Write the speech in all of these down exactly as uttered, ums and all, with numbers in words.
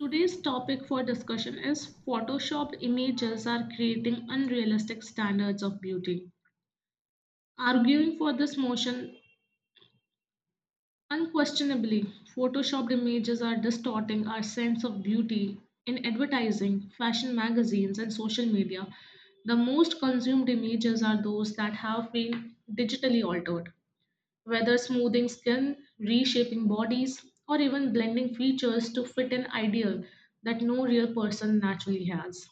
Today's topic for discussion is Photoshopped images are creating unrealistic standards of beauty. Arguing for this motion, unquestionably, Photoshopped images are distorting our sense of beauty in advertising, fashion magazines, and social media. The most consumed images are those that have been digitally altered, whether smoothing skin, reshaping bodies, or even blending features to fit an ideal that no real person naturally has.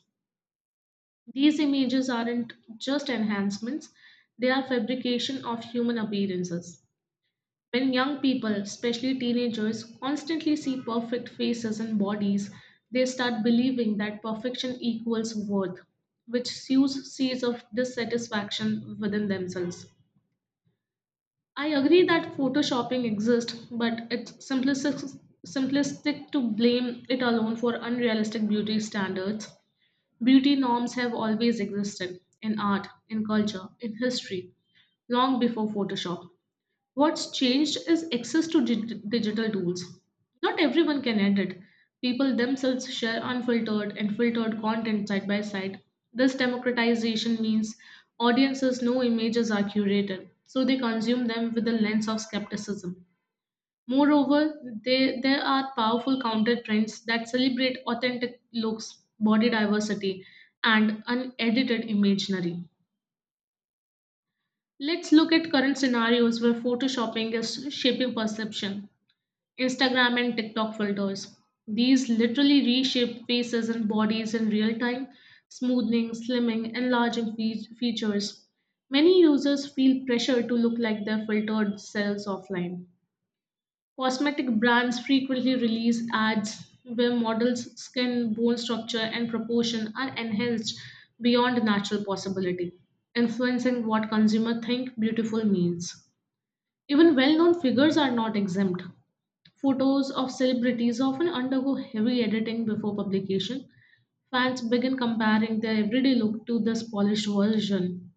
These images aren't just enhancements, they are fabrication of human appearances. When young people, especially teenagers, constantly see perfect faces and bodies, they start believing that perfection equals worth, which sows seeds of dissatisfaction within themselves. I agree that photoshopping exists, but it's simplistic, simplistic to blame it alone for unrealistic beauty standards. Beauty norms have always existed in art, in culture, in history, long before Photoshop. What's changed is access to dig- digital tools. Not everyone can edit. People themselves share unfiltered and filtered content side by side. This democratization means audiences know images are curated, so they consume them with a lens of skepticism. Moreover, they, there are powerful counter trends that celebrate authentic looks, body diversity, and unedited imaginary. Let's look at current scenarios where photoshopping is shaping perception. Instagram and TikTok filters. These literally reshape faces and bodies in real time, smoothing, slimming, enlarging fe- features. Many users feel pressure to look like their filtered selves offline. Cosmetic brands frequently release ads where models' skin, bone structure, and proportion are enhanced beyond natural possibility, influencing what consumers think beautiful means. Even well known figures are not exempt. Photos of celebrities often undergo heavy editing before publication. Fans begin comparing their everyday look to this polished version.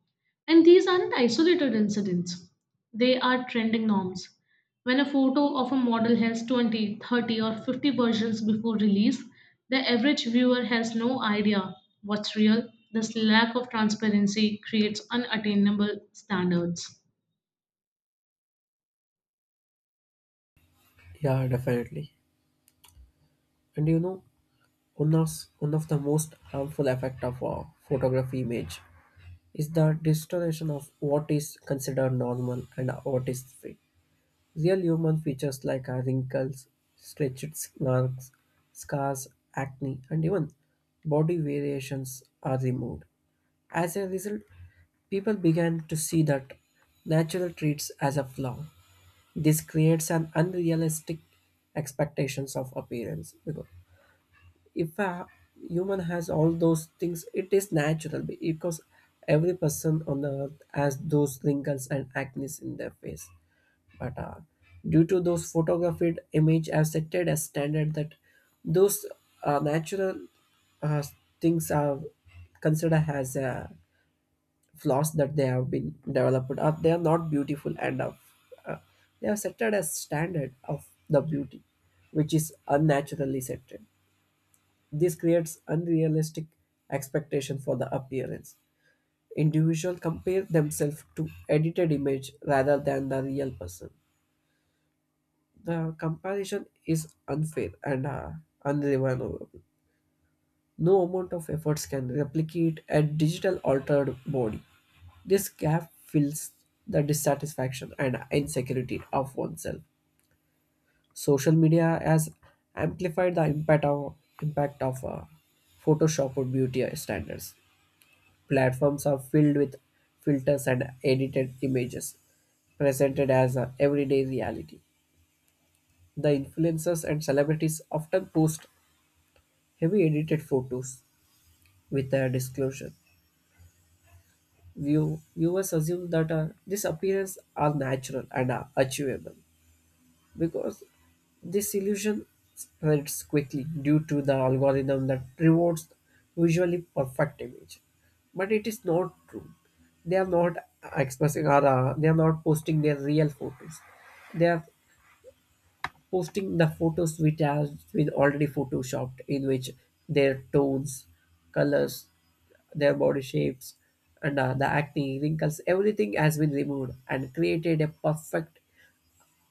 And these aren't isolated incidents, they are trending norms. When a photo of a model has twenty, thirty, or fifty versions before release, the average viewer has no idea what's real. This lack of transparency creates unattainable standards. Yeah, definitely. And you know, one of, one of the most harmful effect of a photography image is the distortion of what is considered normal and what is fake. Real human features like uh, wrinkles, stretched marks, scars, acne, and even body variations are removed. As a result, people began to see that natural traits as a flaw, this creates an unrealistic expectations of appearance because if a human has all those things it is natural, because every person on the earth has those wrinkles and acne in their face, but uh, due to those photographed image I have set it as standard that those uh, natural uh, things are considered as uh, flaws, that they have been developed or they are not beautiful enough. uh, they are set as standard of the beauty which is unnaturally set. This creates unrealistic expectation for the appearance. Individuals compare themselves to edited image rather than the real person. The comparison is unfair and uh, unreversible. No amount of efforts can replicate a digital altered body. This gap fills the dissatisfaction and insecurity of oneself. Social media has amplified the impact of impact of uh, Photoshop or beauty standards. Platforms are filled with filters and edited images presented as a everyday reality. The influencers and celebrities often post heavy edited photos with a disclosure. View, viewers assume that uh, this appearance are natural and are achievable, because disillusion spreads quickly due to the algorithm that rewards visually perfect image, but it is not true. They are not expressing, or uh, they are not posting their real photos. They are posting the photos which are with already photoshopped, in which their tones, colors, their body shapes, and uh, the acne, wrinkles, everything has been removed and created a perfect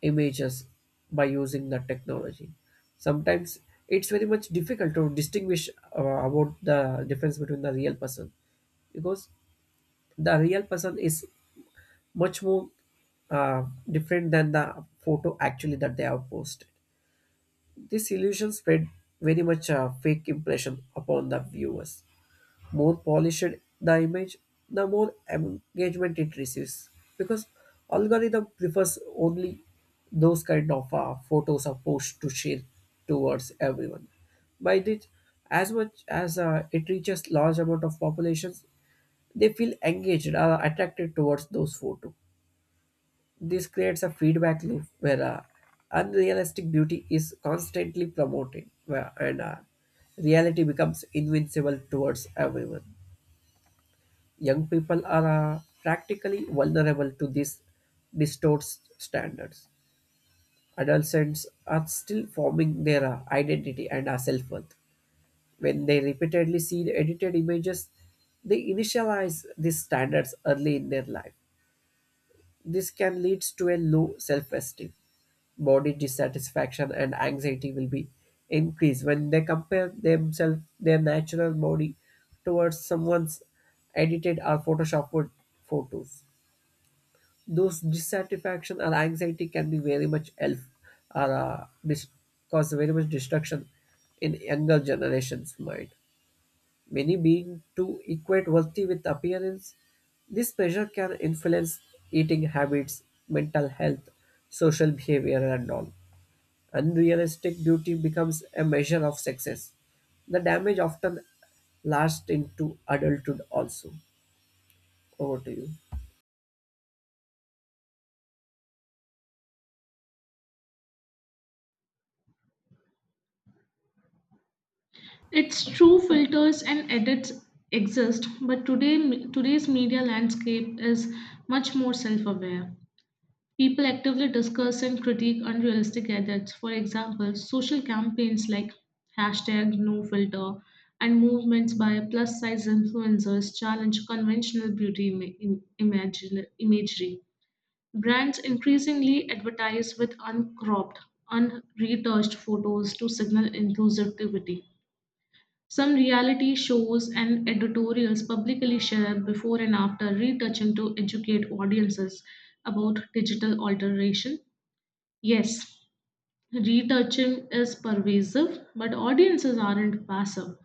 images by using the technology. Sometimes it's very much difficult to distinguish uh, about the difference between the real person, because the real person is much more uh, different than the photo actually that they have posted. This illusion spread very much a fake impression upon the viewers. More polished the image, the more engagement it receives. Because algorithm prefers only those kind of uh, photos are posts to share towards everyone. By this, as much as uh, it reaches large amount of populations, they feel engaged, uh, attracted towards those photo. This creates a feedback loop where uh, unrealistic beauty is constantly promoted, where, and uh, reality becomes invincible towards everyone. Young people are uh, practically vulnerable to these distorted standards. Adolescents are still forming their uh, identity and uh, self-worth. When they repeatedly see the edited images, they initialize these standards early in their life. This can lead to a low self-esteem. Body dissatisfaction and anxiety will be increased when they compare themselves, their natural body, towards someone's edited or photoshopped photos. Those dissatisfaction or anxiety can be very much elf, or uh, dis- cause very much destruction in younger generations' mind. Many being to equate worthy with appearance, this pressure can influence eating habits, mental health, social behavior, and all. Unrealistic duty becomes a measure of success. The damage often lasts into adulthood also. Over to you. It's true filters and edits exist, but today today's media landscape is much more self-aware. People actively discuss and critique unrealistic edits. For example, social campaigns like hashtag no filter and movements by plus-size influencers challenge conventional beauty ima- im- imagine- imagery. Brands increasingly advertise with uncropped, unretouched photos to signal inclusivity. Some reality shows and editorials publicly share before and after retouching to educate audiences about digital alteration. Yes, retouching is pervasive, but audiences aren't passive.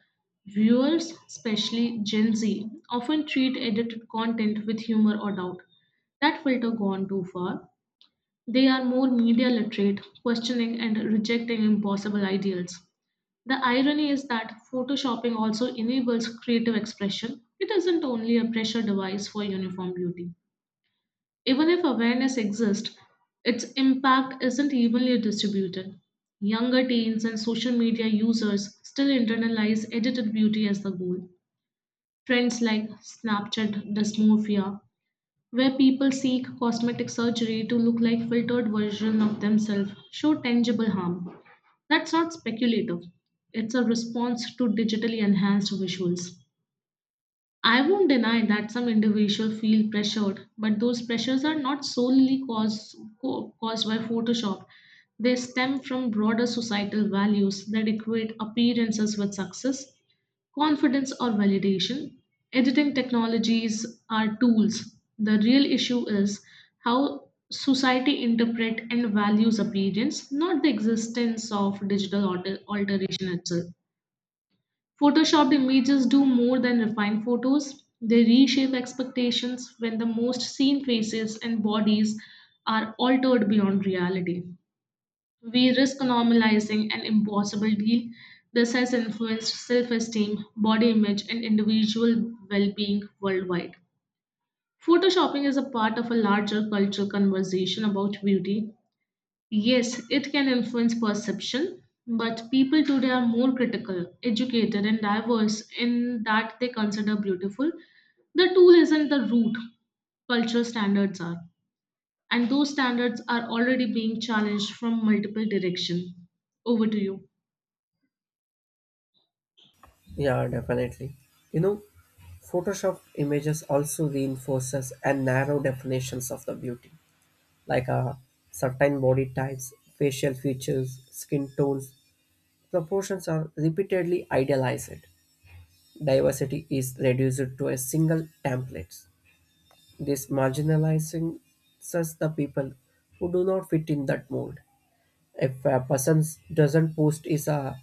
Viewers, especially Gen Z, often treat edited content with humor or doubt. That filter gone too far. They are more media literate, questioning and rejecting impossible ideals. The irony is that photoshopping also enables creative expression. It isn't only a pressure device for uniform beauty. Even if awareness exists, its impact isn't evenly distributed. Younger teens and social media users still internalize edited beauty as the goal. Trends like Snapchat dysmorphia, where people seek cosmetic surgery to look like filtered version of themselves, show tangible harm. That's not speculative. It's a response to digitally enhanced visuals. I won't deny that some individuals feel pressured, but those pressures are not solely caused, co- caused by Photoshop. They stem from broader societal values that equate appearances with success confidence or validation. Editing technologies are tools. The real issue is how society interpret and values appearance, not the existence of digital alter- alteration itself. Photoshopped images do more than refine photos. They reshape expectations when the most seen faces and bodies are altered beyond reality. We risk normalizing an impossible deal. This has influenced self esteem, body image, and individual well being worldwide. Photoshopping is a part of a larger cultural conversation about beauty. Yes, it can influence perception, but people today are more critical, educated, and diverse in that they consider beautiful. The tool isn't the root, cultural standards are and those standards are already being challenged from multiple directions. Over to you. Yeah, definitely. You know, Photoshop images also reinforces a narrow definitions of the beauty, like uh, certain body types, facial features, skin tones. Proportions are repeatedly idealized. Diversity is reduced to a single template. This marginalizing such the people who do not fit in that mold. If a person doesn't post is a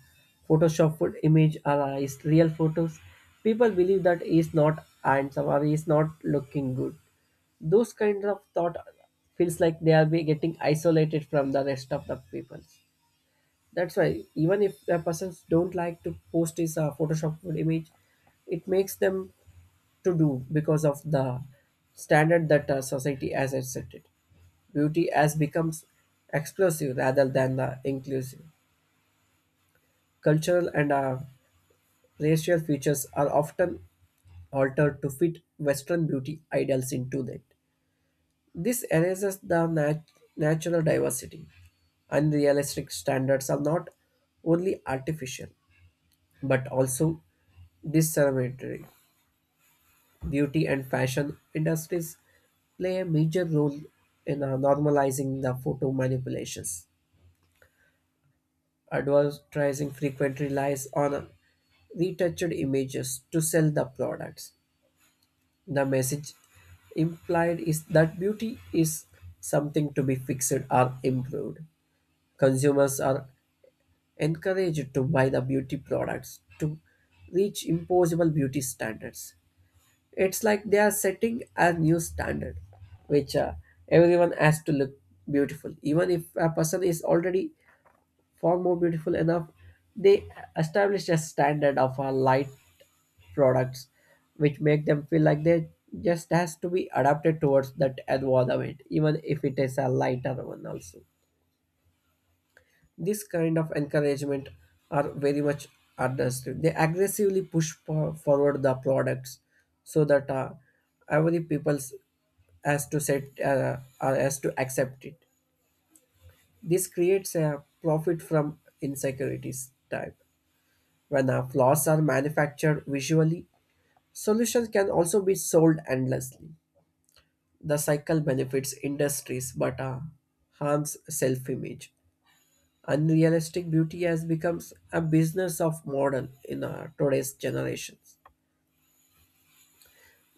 photoshopped image or uh, is real photos, people believe that is not handsome or is not looking good. Those kinds of thought feels like they are be getting isolated from the rest of the people. That's why even if a person don't like to post his uh, photoshopped image, it makes them to do because of the standard that uh, society has accepted. Beauty has becomes exclusive rather than the inclusive. Cultural and uh, racial features are often altered to fit Western beauty ideals into that. This erases the nat- natural diversity. Unrealistic standards are not only artificial but also discriminatory. Beauty and fashion industries play a major role in uh, normalizing the photo manipulations. Advertising frequently relies on uh, retouched images to sell the products. The message implied is that beauty is something to be fixed or improved. Consumers are encouraged to buy the beauty products to reach impossible beauty standards. It's like they are setting a new standard, which uh, everyone has to look beautiful. Even if a person is already far more beautiful enough, they establish a standard of uh, light products, which make them feel like they just has to be adapted towards that environment, even if it is a lighter one also. This kind of encouragement are very much understood. They aggressively push for- forward the products so that uh, every people has to set uh, uh, has to accept it. This creates a profit from insecurities type. When uh, flaws are manufactured visually, solutions can also be sold endlessly. The cycle benefits industries but uh, harms self-image. Unrealistic beauty has become a business of modern in uh, today's generations.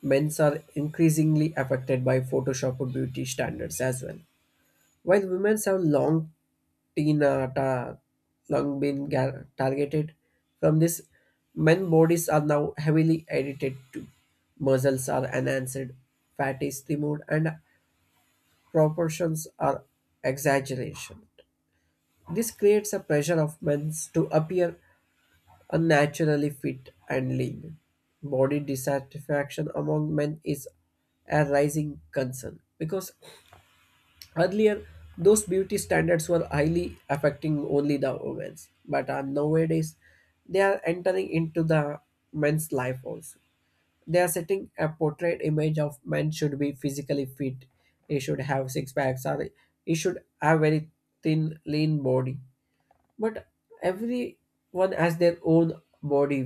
Men's are increasingly affected by Photoshop beauty standards as well, while women have long teen uh, ta- long been gar- targeted from this. Men bodies are now heavily edited too. Muscles are enhanced, fat is removed, and proportions are exaggerated. This creates a pressure of men to appear unnaturally fit and lean. Body dissatisfaction among men is a rising concern, because earlier those beauty standards were highly affecting only the women, but uh, nowadays they are entering into the men's life also. They are setting a portrait image of men should be physically fit. He should have six packs, or he should have very thin, lean body. But everyone has their own body,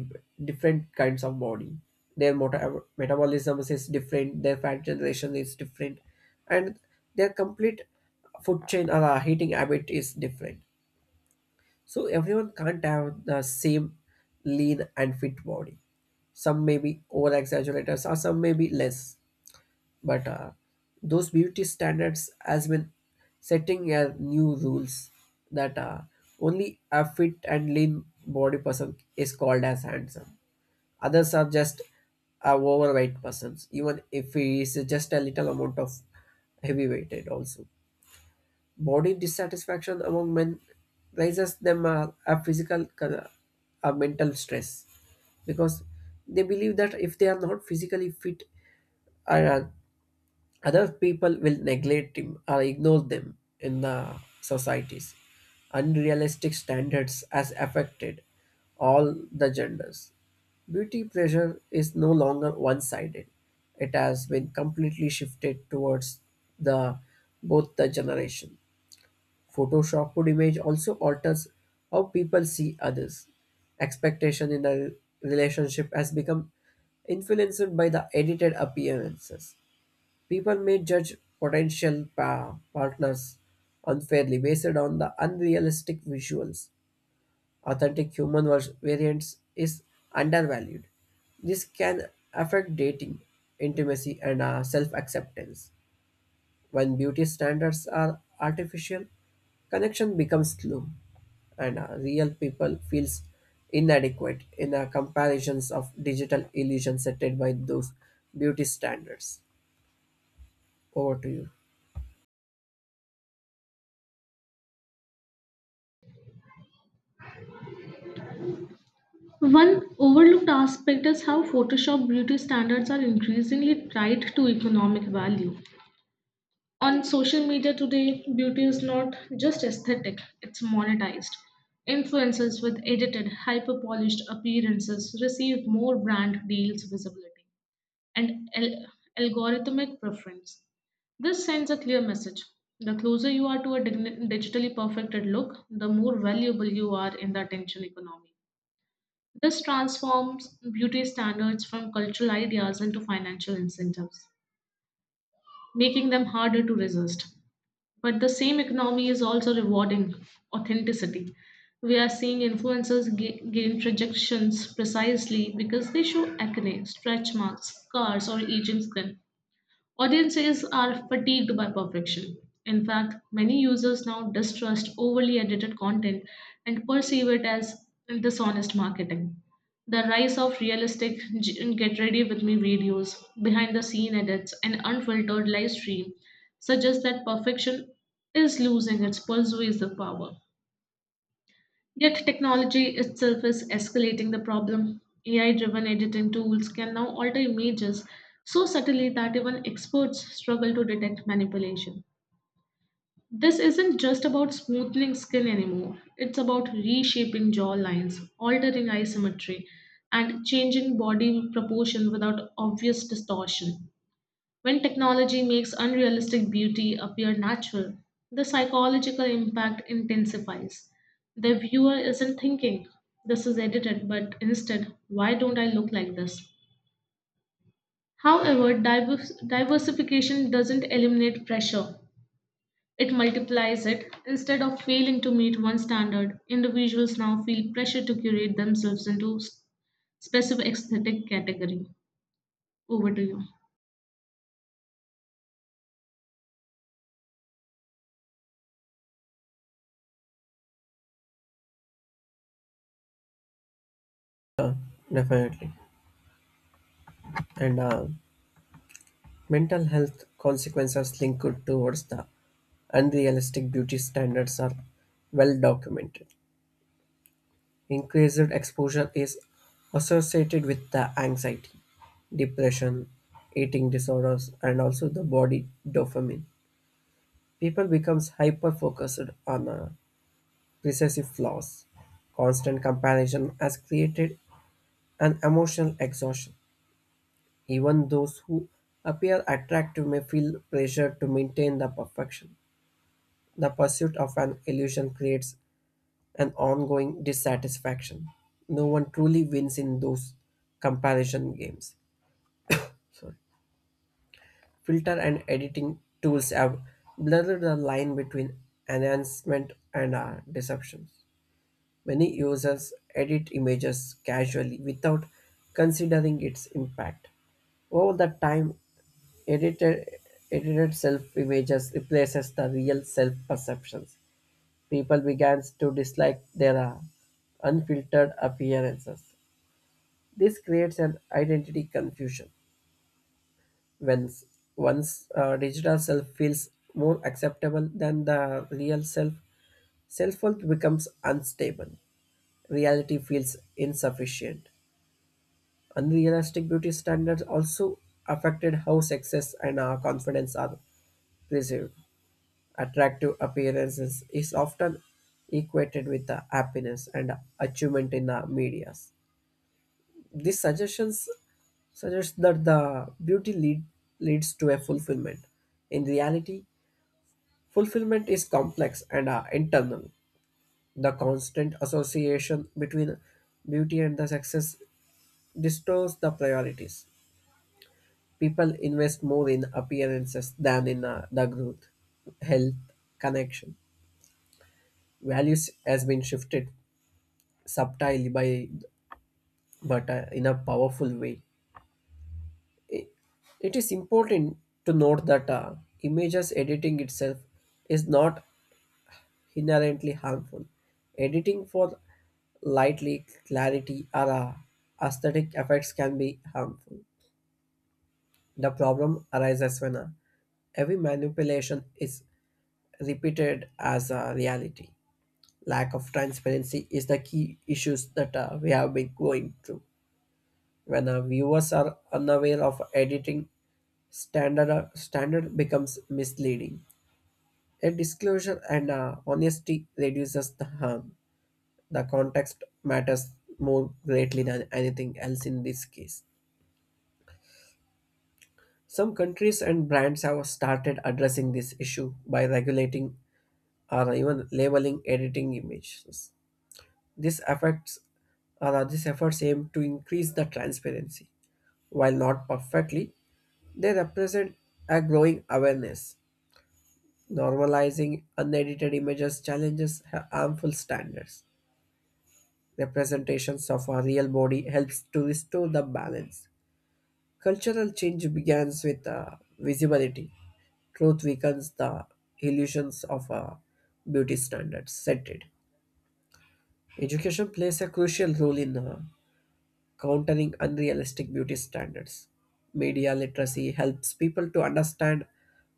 different kinds of body. Their mota- metabolism is different, their fat generation is different, and their complete food chain or uh, heating habit is different. So everyone can't have the same lean and fit body. Some may be over exaggerators or some may be less, but uh, those beauty standards has been setting uh, new rules, that uh, only a fit and lean body person is called as handsome. Others are just a overweight persons, even if he is just a little amount of heavy weighted also. Body dissatisfaction among men raises them uh, a physical con- a mental stress, because they believe that if they are not physically fit, uh, other people will neglect him or ignore them in the societies. Unrealistic standards has affected all the genders. Beauty pressure is no longer one-sided. It has been completely shifted towards the both the generation. Photoshopped image also alters how people see others. Expectation in a relationship has become influenced by the edited appearances. People may judge potential pa- partners unfairly based on the unrealistic visuals. Authentic human vers- variance is undervalued. This can affect dating, intimacy, and self acceptance. When beauty standards are artificial, connection becomes slow, and uh, real people feels inadequate in the comparisons of digital illusions set by those beauty standards. Over to you. One overlooked aspect is how Photoshop beauty standards are increasingly tied to economic value. On social media today, beauty is not just aesthetic, it's monetized. Influencers with edited, hyper polished appearances receive more brand deals visibility and al- algorithmic preference. This sends a clear message. The closer you are to a digni- digitally perfected look, the more valuable you are in the attention economy. This transforms beauty standards from cultural ideas into financial incentives, making them harder to resist. But the same economy is also rewarding authenticity. We are seeing influencers ga- gain projections precisely because they show acne, stretch marks, scars, or aging skin. Audiences are fatigued by perfection. In fact, many users now distrust overly edited content and perceive it as dishonest marketing. The rise of realistic g- get ready with me videos, behind the scene edits, and unfiltered live stream suggests that perfection is losing its persuasive power. Yet technology itself is escalating the problem. A I driven editing tools can now alter images so subtly that even experts struggle to detect manipulation. This isn't just about smoothing skin anymore, it's about reshaping jaw lines, altering eye symmetry, and changing body proportion without obvious distortion. When technology makes unrealistic beauty appear natural, the psychological impact intensifies. The viewer isn't thinking, this is edited, but instead, why don't I look like this? However, divers- diversification doesn't eliminate pressure, it multiplies it. Instead of failing to meet one standard, individuals now feel pressure to curate themselves into s- specific aesthetic category. Over to you. Definitely. And uh, Mental health consequences linked towards the unrealistic beauty standards are well documented. Increased exposure is associated with the anxiety, depression, eating disorders, and also the body dopamine. People becomes hyper focused on uh, recessive flaws. Constant comparison has created an emotional exhaustion. Even those who appear attractive may feel pressure to maintain the perfection. The pursuit of an illusion creates an ongoing dissatisfaction. No one truly wins in those comparison games. So, filter and editing tools have blurred the line between enhancement and uh, deception. Many users edit images casually without considering its impact. Over the time, edited, edited self images replaces the real self perceptions. People began to dislike their uh, unfiltered appearances. This creates an identity confusion. When s- One's uh, digital self feels more acceptable than the real self, self worth becomes unstable. Reality feels insufficient. Unrealistic beauty standards also affected how success and uh, confidence are perceived. Attractive appearances is often equated with the happiness and achievement in the medias. These suggestions suggest that the beauty lead, leads to a fulfillment. In reality, fulfillment is complex and uh, internal. The constant association between beauty and the success distorts the priorities. People invest more in appearances than in uh, the growth, health, connection. Values has been shifted subtile by, but uh, in a powerful way. I- it is important to note that uh, images editing itself is not inherently harmful. Editing for lightly clarity or uh, aesthetic effects can be harmful. The problem arises when uh, every manipulation is repeated as a reality. Lack of transparency is the key issues that uh, we have been going through. When our viewers are unaware of editing, standard, standard becomes misleading. A disclosure and uh, honesty reduces the harm. The context matters more greatly than anything else in this case. Some countries and brands have started addressing this issue by regulating or even labeling editing images. This affects or are these efforts aim to increase the transparency? While not perfectly, they represent a growing awareness. Normalizing unedited images challenges ha- harmful standards. Representations of our real body helps to restore the balance. Cultural change begins with uh, visibility. Truth weakens the illusions of uh, beauty standards set. Education plays a crucial role in uh, countering unrealistic beauty standards. Media literacy helps people to understand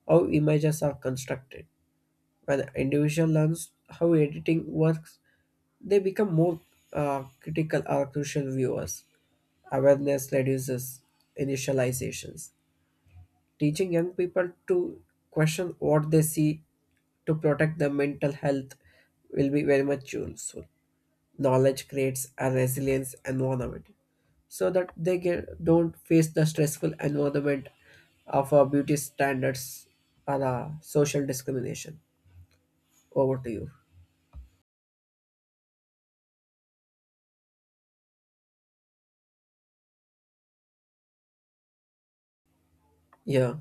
how images are constructed. When an individual learns how editing works, they become more uh, critical or crucial viewers. Awareness reduces initializations. Teaching young people to question what they see to protect their mental health will be very much useful. Knowledge creates a resilience environment so that they get, don't face the stressful environment of uh, beauty standards or uh, social discrimination. Over to you. Yeah.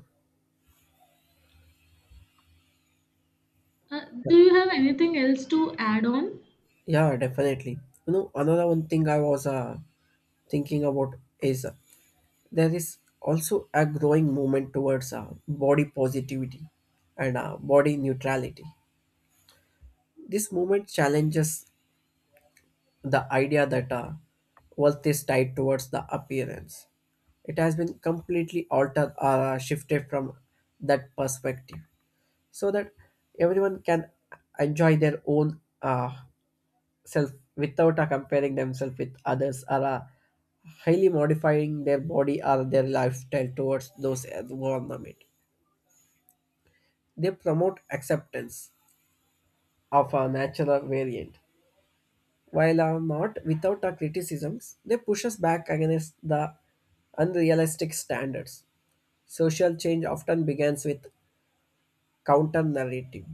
Uh, do you have anything else to add on? Yeah, definitely. You know, another one thing I was uh, thinking about is uh, there is also a growing movement towards uh, body positivity and uh, body neutrality. This movement challenges the idea that uh, wealth is tied towards the appearance. It has been completely altered or uh, shifted from that perspective so that everyone can enjoy their own uh, self without uh, comparing themselves with others or uh, highly modifying their body or their lifestyle towards those environment. They promote acceptance of a natural variant. While are not without our criticisms, they push us back against the unrealistic standards. Social change often begins with counter narrative.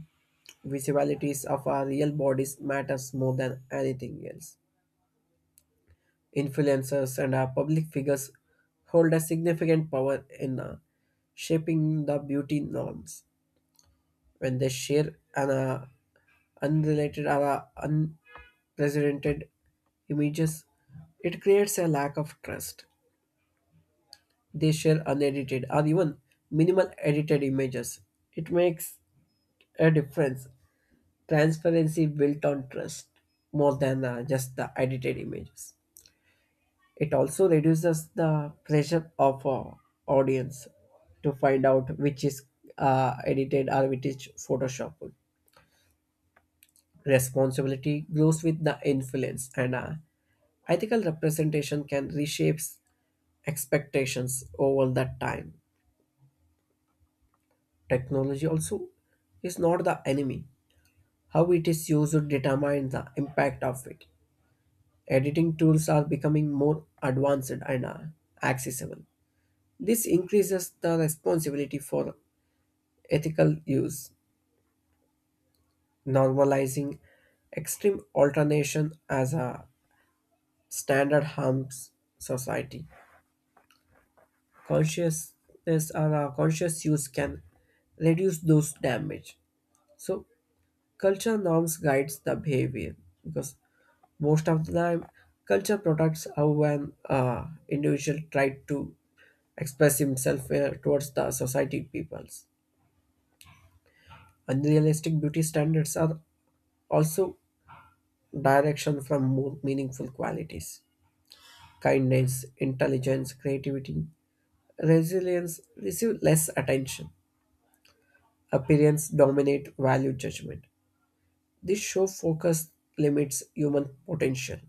Visibilities of our real bodies matters more than anything else. Influencers, and our public figures hold a significant power in uh, shaping the beauty norms. When they share an uh, unrelated or uh, unprecedented images, it creates a lack of trust. They share unedited or even minimal edited images. It makes a difference. Transparency built on trust more than uh, just the edited images. It also reduces the pressure of uh, audience to find out which is uh, edited or which is photoshopped. Responsibility grows with the influence, and uh, ethical representation can reshape expectations over that time. Technology also is not the enemy. How it is used determines the impact of it. Editing tools are becoming more advanced and uh, accessible. This increases the responsibility for ethical use. Normalizing extreme alternation as a standard harms society. Consciousness or a conscious use can reduce those damage. So culture norms guides the behavior because most of the time culture protects how an uh, individual try to express himself uh, towards the society peoples. Unrealistic beauty standards are also direction from more meaningful qualities. Kindness, intelligence, creativity, resilience receive less attention. Appearance dominate value judgment. This show focus limits human potential.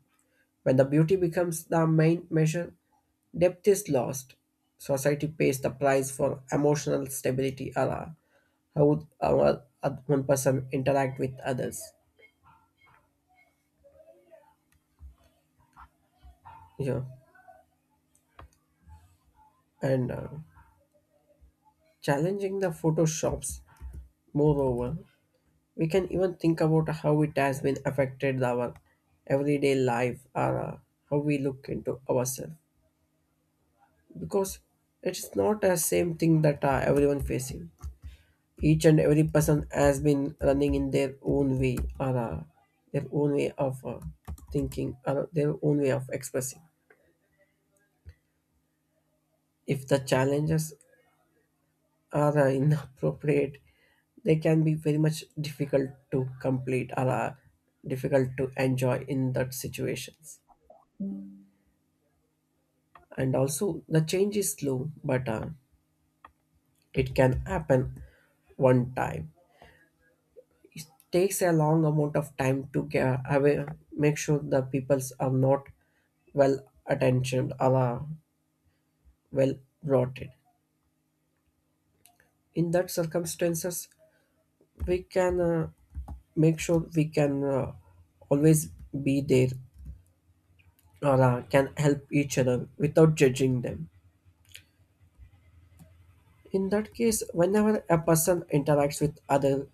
When the beauty becomes the main measure, depth is lost. Society pays the price for emotional stability or uh, how our, uh, one person interact with others. Yeah, and uh, challenging the photoshops. Moreover, we can even think about how it has been affected our everyday life or uh, how we look into ourselves because it's not the same thing that uh, everyone facing. Each and every person has been running in their own way or uh, their own way of uh, thinking or their own way of expressing. If the challenges are uh, inappropriate, they can be very much difficult to complete or uh, difficult to enjoy in that situations. And also, the change is slow, but uh, it can happen one time. Takes a long amount of time to get away, make sure the peoples are not well attentioned or uh, well brought in. In that circumstances, we can uh, make sure we can uh, always be there or uh, can help each other without judging them. In that case, whenever a person interacts with other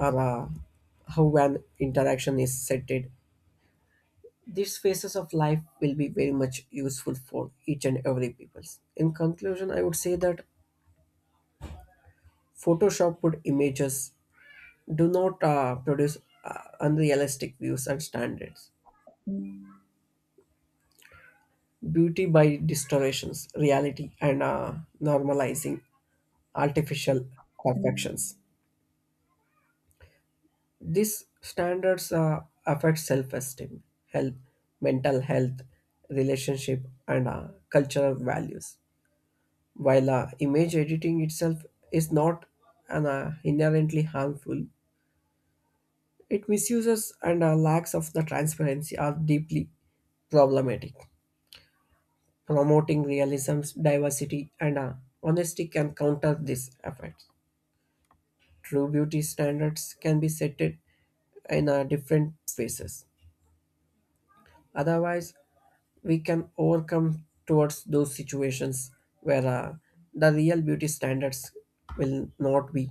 or uh, how an interaction is setted, these phases of life will be very much useful for each and every peoples. In conclusion, I would say that Photoshop put images do not uh, produce uh, unrealistic views and standards. Beauty by distortions, reality, and uh, normalizing artificial perfections. These standards uh, affect self esteem, health, mental health, relationship, and uh, cultural values. While uh, image editing itself is not an, uh, inherently harmful, it misuses and uh, lacks of the transparency are deeply problematic. Promoting realism, diversity, and uh, honesty can counter these effects. True beauty standards can be set in uh, different phases. Otherwise, we can overcome towards those situations where uh, the real beauty standards will not be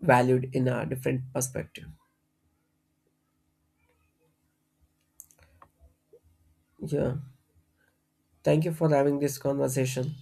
valued in a different perspective. Yeah. Thank you for having this conversation.